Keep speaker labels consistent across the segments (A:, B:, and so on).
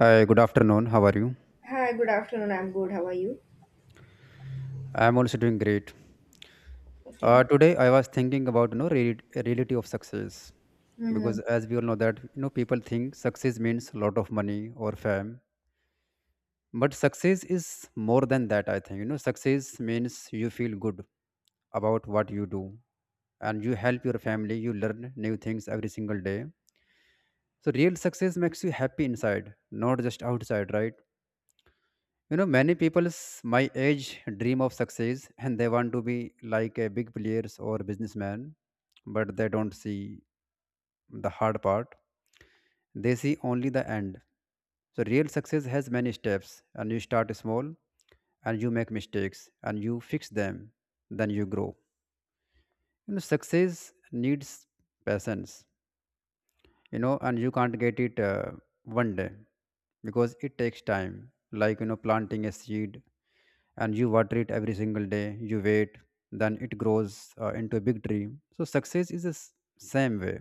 A: Hi, good afternoon. How are you?
B: Hi, good afternoon. I'm good. How are you?
A: I'm also doing great.
B: Okay.
A: Today, I was thinking about reality of success, because
B: hmm
A: as we all know that people think success means a lot of money or fame, but success is more than that. I think success means you feel good about what you do, and you help your family. You learn new things every single day. So real success makes you happy inside, not just outside, right? Many people's my age dream of success, and they want to be like a big players or businessman, but they don't see the hard part. They see only the end. So real success has many steps, and you start small, and you make mistakes and you fix them, then you grow. Success needs patience, and you can't get it one day, because it takes time, like planting a seed, and you water it every single day, you wait, then it grows into a big tree. So success is the same way,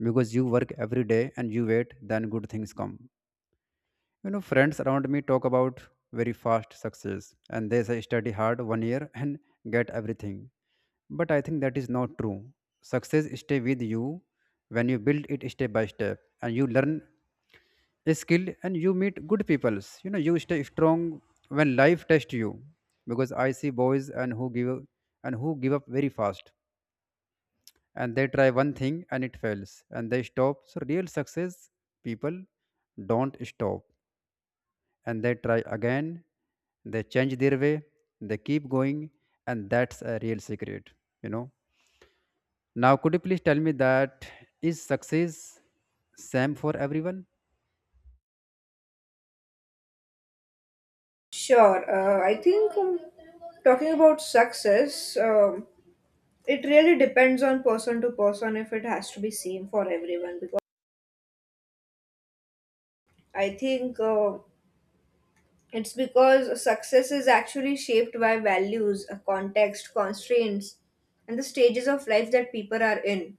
A: because you work every day and you wait, then good things come. Friends around me talk about very fast success, and they say study hard one year and get everything, but I think that is not true. Success stay with you when you build it step by step, and you learn skill and you meet good peoples. You stay strong when life tests you, because I see boys and who give up very fast, and they try one thing and it fails and they stop. So real success people don't stop, and they try again, they change their way, they keep going, and that's a real secret you know Now, could you please tell me that is success same for everyone?
B: Sure. I think talking about success, it really depends on person to person if it has to be same for everyone because I think. It's because success is actually shaped by values, a context, constraints, and the stages of life that people are in.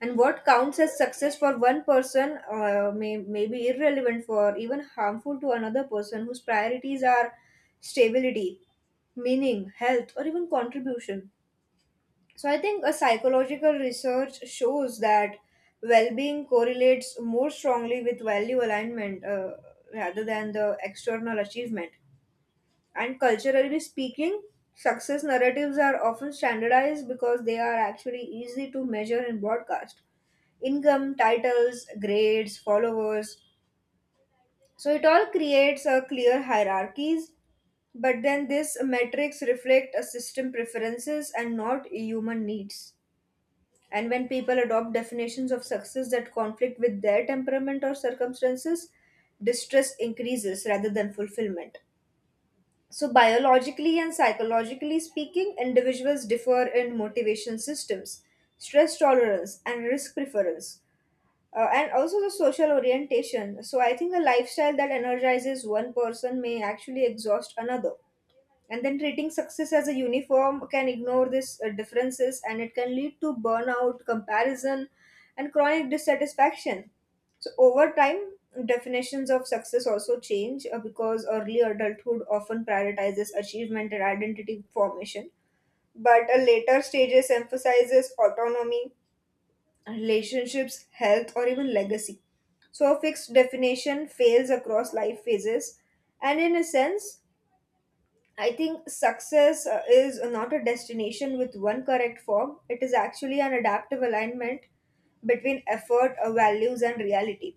B: And what counts as success for one person may be irrelevant for even harmful to another person whose priorities are stability, meaning, health, or even contribution. So I think a psychological research shows that well-being correlates more strongly with value alignment rather than the external achievement. And culturally speaking, success narratives are often standardized because they are actually easy to measure and broadcast. Income, titles, grades, followers. So it all creates a clear hierarchies, but then these metrics reflect a system preferences and not human needs. And when people adopt definitions of success that conflict with their temperament or circumstances, distress increases rather than fulfillment. So, biologically and psychologically speaking, individuals differ in motivation systems, stress tolerance, and risk preference, and also the social orientation. So, I think a lifestyle that energizes one person may actually exhaust another, and then treating success as a uniform can ignore these differences and it can lead to burnout comparison and chronic dissatisfaction. So over time definitions of success also change because early adulthood often prioritizes achievement and identity formation, but a later stages emphasizes autonomy, relationships, health, or even legacy. So a fixed definition fails across life phases, and in a sense I think success is not a destination with one correct form. It is actually an adaptive alignment between effort, values, and reality.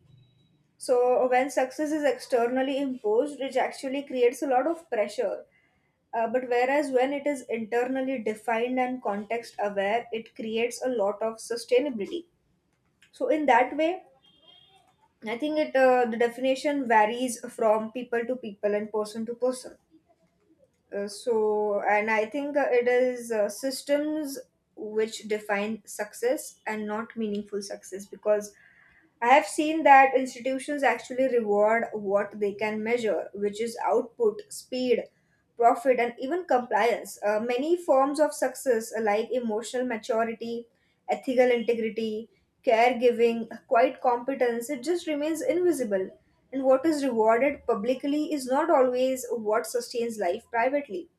B: So, when success is externally imposed, it actually creates a lot of pressure. But whereas when it is internally defined and context aware, it creates a lot of sustainability. So, in that way, I think it the definition varies from people to people and person to person. And I think it is systems which define success and not meaningful success because I have seen that institutions actually reward what they can measure, which is output, speed, profit, and even compliance. Many forms of success, like emotional maturity, ethical integrity, caregiving, quiet competence, it just remains invisible. And what is rewarded publicly is not always what sustains life privately.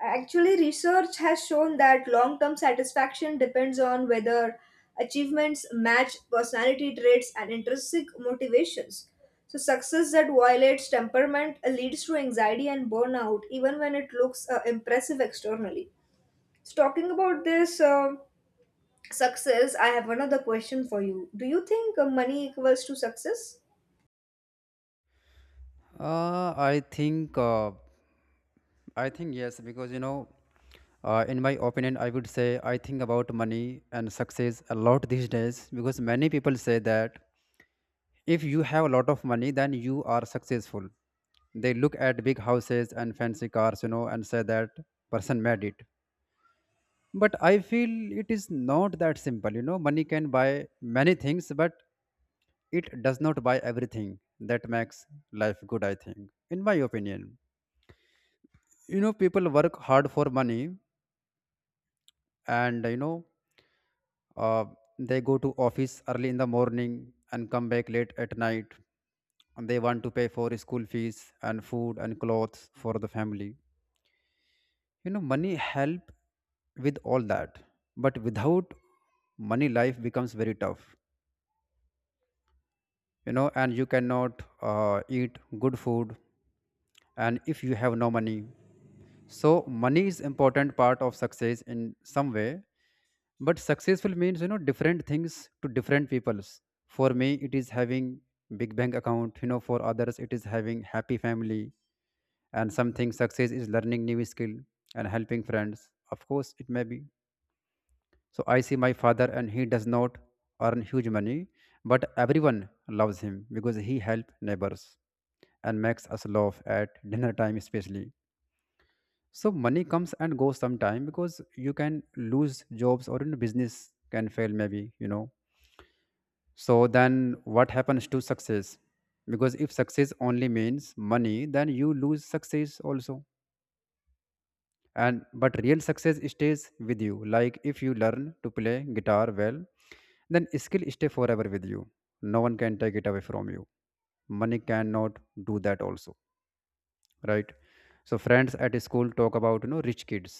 B: Actually, research has shown that long term satisfaction depends on whether achievements match personality traits and intrinsic motivations. So, success that violates temperament leads to anxiety and burnout, even when it looks impressive externally. So, talking about this success, I have another question for you. Do you think money equals to success?
A: Uh, i think uh, I think yes, because in my opinion, I would say I think about money and success a lot these days, because many people say that if you have a lot of money, then you are successful. They look at big houses and fancy cars, and say that person made it. But I feel it is not that simple. Money can buy many things, but it does not buy everything that makes life good. I think, in my opinion, people work hard for money, and uh, they go to office early in the morning and come back late at night, and they want to pay for school fees and food and clothes for the family. Money help with all that, but without money life becomes very tough. And you cannot eat good food, and if you have no money. So money is important part of success in some way, but successful means different things to different peoples. For me, it is having big bank account. For others, it is having happy family, and something success is learning new skill and helping friends, of course, it may be. So I see my father, and he does not earn huge money, but everyone loves him because he help neighbors and makes us laugh at dinner time, especially. So money comes and goes sometime, because you can lose jobs or in business can fail maybe. So then what happens to success? Because if success only means money, then you lose success also. And but real success stays with you. Like if you learn to play guitar well, then skill stay forever with you. No one can take it away from you. Money cannot do that also, right? So friends at school talk about rich kids,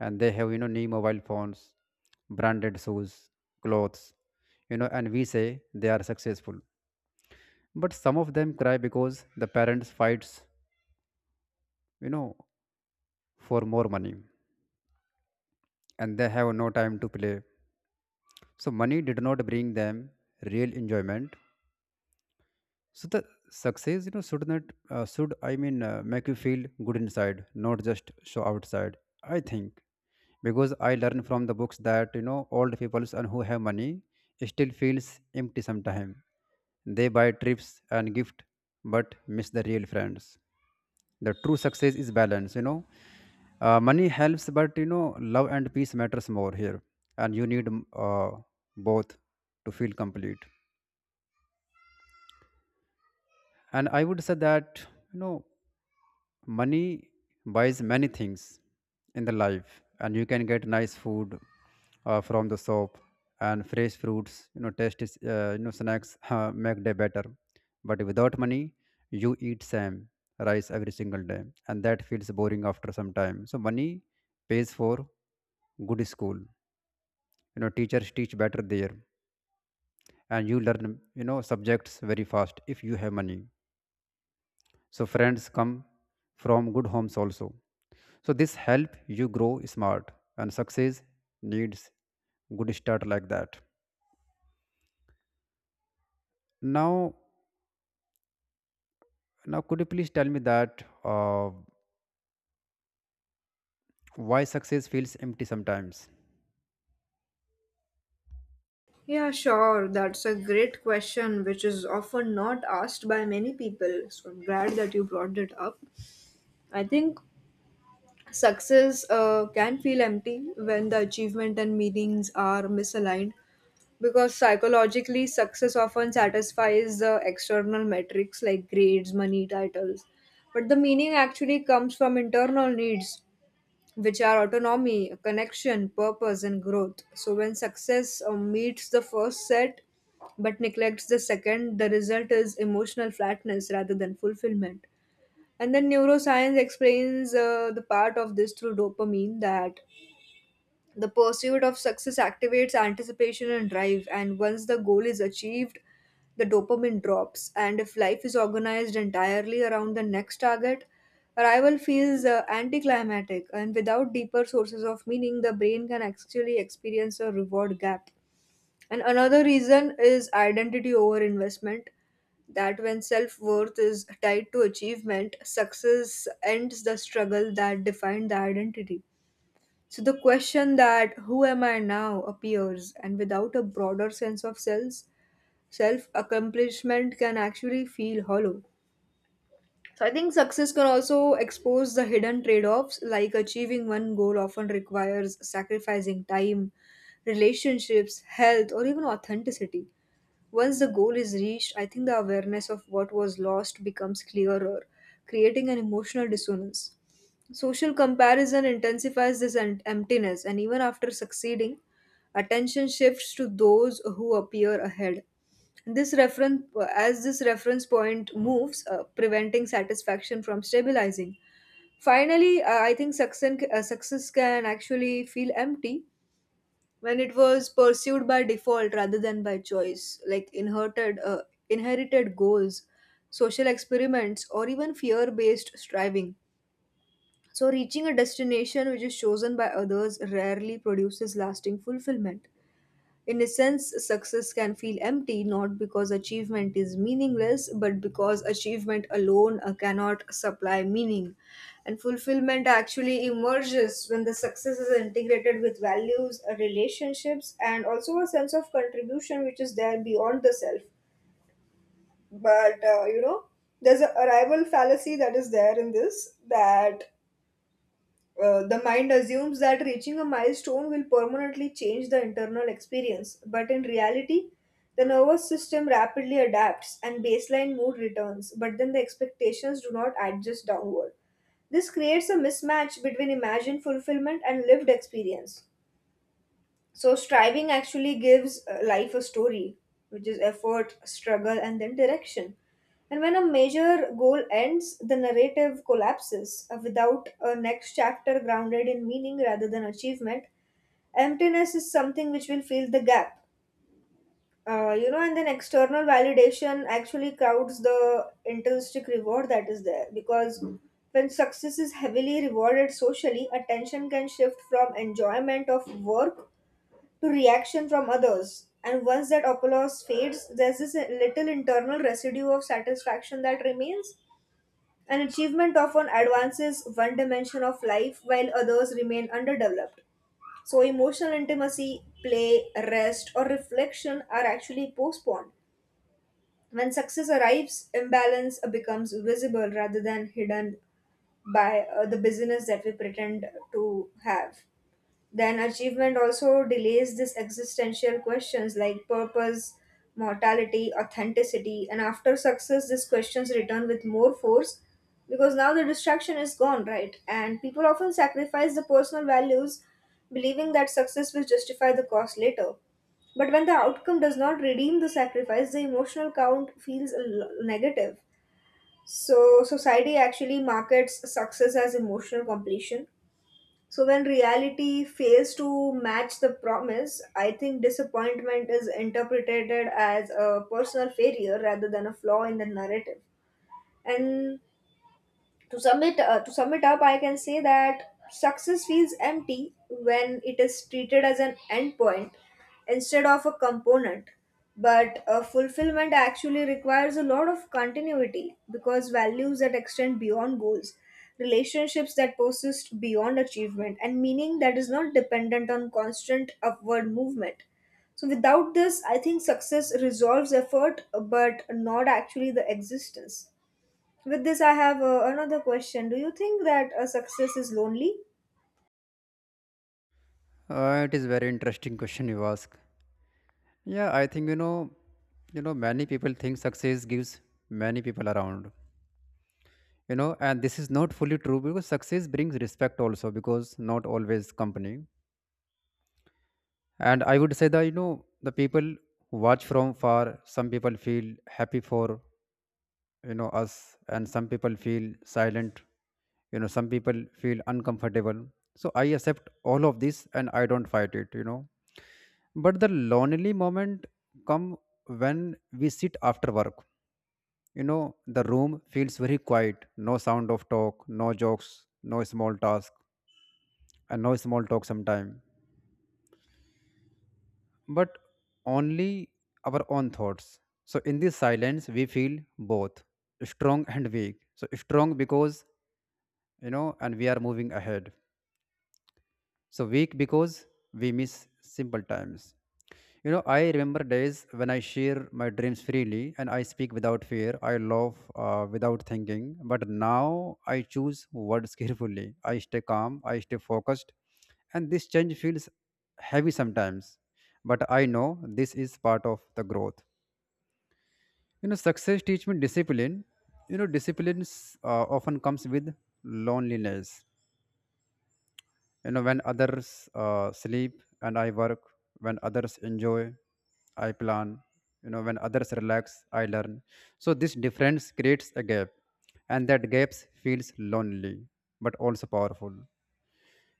A: and they have new mobile phones, branded shoes, clothes, and we say they are successful, but some of them cry because the parents fights, you know for more money, and they have no time to play. So money did not bring them real enjoyment. So the success, should not, should, I mean, make you feel good inside, not just show outside, I think. Because I learned from the books that old people and who have money still feels empty sometimes. They buy trips and gift but miss the real friends. The true success is balance. Money helps, but love and peace matters more here, and you need both to feel complete. And I would say that you know money buys many things in the life, and you can get nice food from the shop, and fresh fruits, tasty, snacks make day better. But without money you eat same rice every single day, and that feels boring after some time. So money pays for good school. Teachers teach better there, and you learn subjects very fast if you have money. So friends come from good homes also. So this help you grow smart, and success needs good start like that. Now, now, could you please tell me that why success feels empty sometimes?
B: Yeah, sure. That's a great question, which is often not asked by many people. So, I'm glad that you brought it up. I think success can feel empty when the achievement and meanings are misaligned, because psychologically, success often satisfies the external metrics like grades, money, titles. But the meaning actually comes from internal needs, which are autonomy, connection, purpose, and growth. So when success meets the first set but neglects the second, the result is emotional flatness rather than fulfillment. And then neuroscience explains the part of this through dopamine, that the pursuit of success activates anticipation and drive. And once the goal is achieved, the dopamine drops. And if life is organized entirely around the next target, arrival feels anticlimactic. And without deeper sources of meaning, the brain can actually experience a reward gap. And another reason is identity over investment. That when self worth is tied to achievement, success ends the struggle that defined the identity. So the question that who am I now appears, and without a broader sense of self, self accomplishment can actually feel hollow. So I think success can also expose the hidden trade offs, like achieving one goal often requires sacrificing time, relationships, health, or even authenticity. Once the goal is reached, I think the awareness of what was lost becomes clearer, creating an emotional dissonance. Social comparison intensifies this emptiness, and even after succeeding, attention shifts to those who appear ahead. This reference, as this reference point moves, preventing satisfaction from stabilizing. Finally, I think success can actually feel empty when it was pursued by default rather than by choice, like inherited goals, social experiments, or even fear based striving. So, reaching a destination which is chosen by others rarely produces lasting fulfillment. In a sense, success can feel empty not because achievement is meaningless, but because achievement alone cannot supply meaning. And fulfillment actually emerges when the success is integrated with values, relationships, and also a sense of contribution which is there beyond the self. But you know, there's a arrival fallacy that is there in this, that the mind assumes that reaching a milestone will permanently change the internal experience, but in reality, the nervous system rapidly adapts and baseline mood returns, but then the expectations do not adjust downward. This creates a mismatch between imagined fulfillment and lived experience. So striving actually gives life a story, which is effort, struggle, and then direction. And when a major goal ends, the narrative collapses without a next chapter grounded in meaning rather than achievement. Emptiness is something which will fill the gap. You know, and then external validation actually crowds the intrinsic reward that is there, because Mm. when success is heavily rewarded socially, attention can shift from enjoyment of work to reaction from others. And once that applause fades, there's this little internal residue of satisfaction that remains. An achievement often advances one dimension of life while others remain underdeveloped. So, emotional intimacy, play, rest, or reflection are actually postponed. When success arrives, imbalance becomes visible rather than hidden by the busyness that we pretend to have. Then achievement also delays these existential questions like purpose, mortality, authenticity, and after success, these questions return with more force, because now the distraction is gone, right? And people often sacrifice the personal values believing that success will justify the cost later. But when the outcome does not redeem the sacrifice, the emotional count feels negative. So, society actually markets success as emotional completion, so when reality fails to match the promise, I think disappointment is interpreted as a personal failure rather than a flaw in the narrative. And to sum it up I can say that success feels empty when it is treated as an endpoint instead of a component, but fulfillment actually requires a lot of continuity, because values that extend beyond goals, relationships that persist beyond achievement, and meaning that is not dependent on constant upward movement. So without this I think success resolves effort but not actually the existence. With this, I have another question. Do you think that a success is lonely?
A: It is very interesting question you ask. Yeah, I think many people think success gives many people around. And this is not fully true, because success brings respect also, because not always company. And I would say that the people who watch from far. Some people feel happy for us, and some people feel silent. Some people feel uncomfortable. So I accept all of this, and I don't fight it. But the lonely moment come when we sit after work. The room feels very quiet. No sound of talk, no jokes, no small task, and no small talk sometime, but only our own thoughts. So in this silence we feel both strong and weak. So strong because and we are moving ahead, so weak because we miss simple times. I remember days when I share my dreams freely and I speak without fear, I love, without thinking. But now I choose words carefully, I stay calm, I stay focused, and this change feels heavy sometimes. But I know this is part of the growth. Success teach me discipline. Discipline often comes with loneliness. When others sleep and I work, when others enjoy I plan, when others relax I learn. So this difference creates a gap, and that gap feels lonely but also powerful.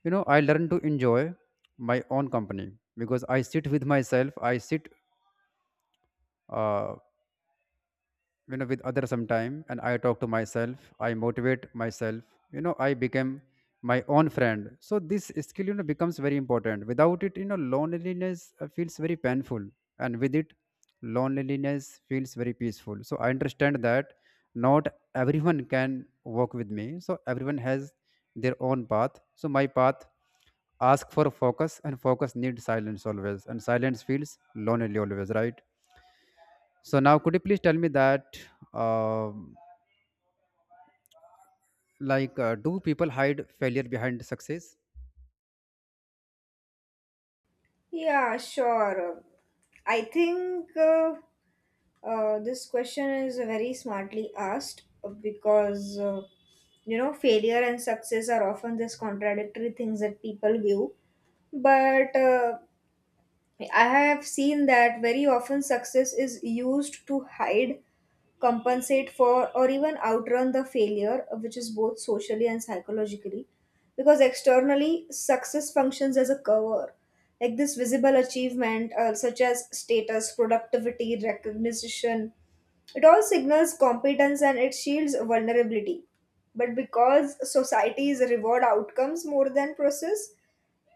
A: I learn to enjoy my own company, because I sit with myself, I sit uh, with others sometime, and I talk to myself, I motivate myself. I become my own friend. So this skill becomes very important. Without it, loneliness feels very painful. And with it, loneliness feels very peaceful. So I understand that not everyone can walk with me, so everyone has their own path. So my path ask for focus, and focus needs silence always, and silence feels lonely always, right? So now, could you please tell me that, um like, do people hide failure behind success?
B: Yeah, sure. I think this question is very smartly asked because you know failure and success are often these contradictory things that people view. But I have seen that very often success is used to hide, compensate for, or even outrun the failure, which is both socially and psychologically. Because externally, success functions as a cover. Like this visible achievement, such as status, productivity, recognition, it all signals competence and it shields vulnerability. But because societies reward outcomes more than process,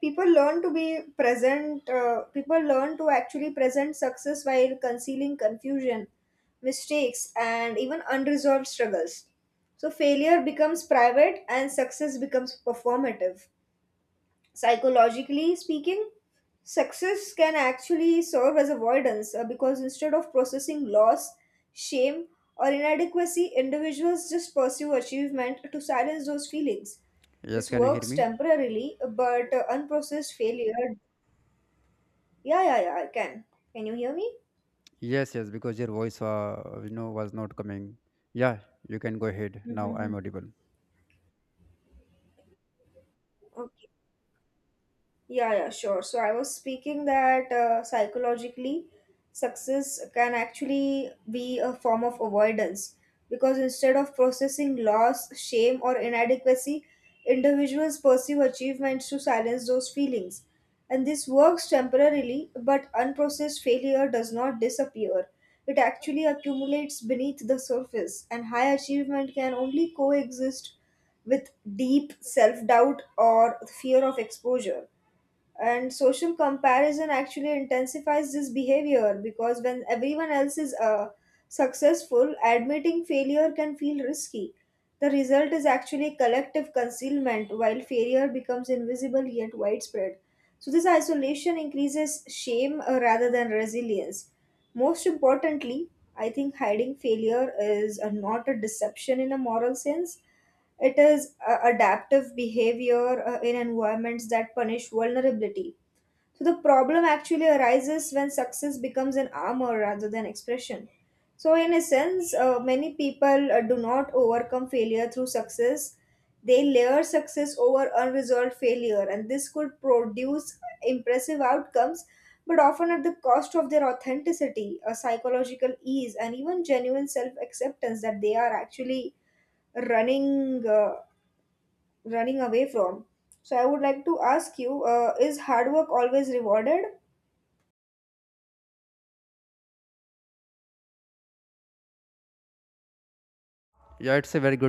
B: people learn to be people learn to actually present success while concealing confusion, mistakes, and even unresolved struggles. So failure becomes private and success becomes performative. Psychologically speaking, success can actually serve as avoidance, because instead of processing loss, shame, or inadequacy, individuals just pursue achievement to silence those feelings. This
A: Yes, can you hear
B: works
A: me?
B: temporarily, but unprocessed failure. Yeah, yeah, yeah, I can. Can you hear me?
A: Yes, yes, because your voice, was not coming. Yeah, you can go ahead now.
B: Mm-hmm.
A: I'm audible.
B: Okay. Yeah, yeah, sure. So I was speaking that psychologically, success can actually be a form of avoidance, because instead of processing loss, shame, or inadequacy, individuals pursue achievements to silence those feelings. And this works temporarily, but unprocessed failure does not disappear. It actually accumulates beneath the surface, and high achievement can only coexist with deep self doubt or fear of exposure. And social comparison actually intensifies this behavior, because when everyone else is successful, admitting failure can feel risky. The result is actually collective concealment while failure becomes invisible yet widespread. So this isolation increases shame rather than resilience. Most importantly, I think hiding failure is not a deception in a moral sense. It is adaptive behavior in environments that punish vulnerability. So the problem actually arises when success becomes an armor rather than expression. So, in a sense, many people do not overcome failure through success. They layer success over unresolved failure, and this could produce impressive outcomes, but often at the cost of their authenticity, a psychological ease, and even genuine self acceptance, that they are actually running uh, running away from. So, I would like to ask you: Is hard work always rewarded?
A: Yeah, it's a very good.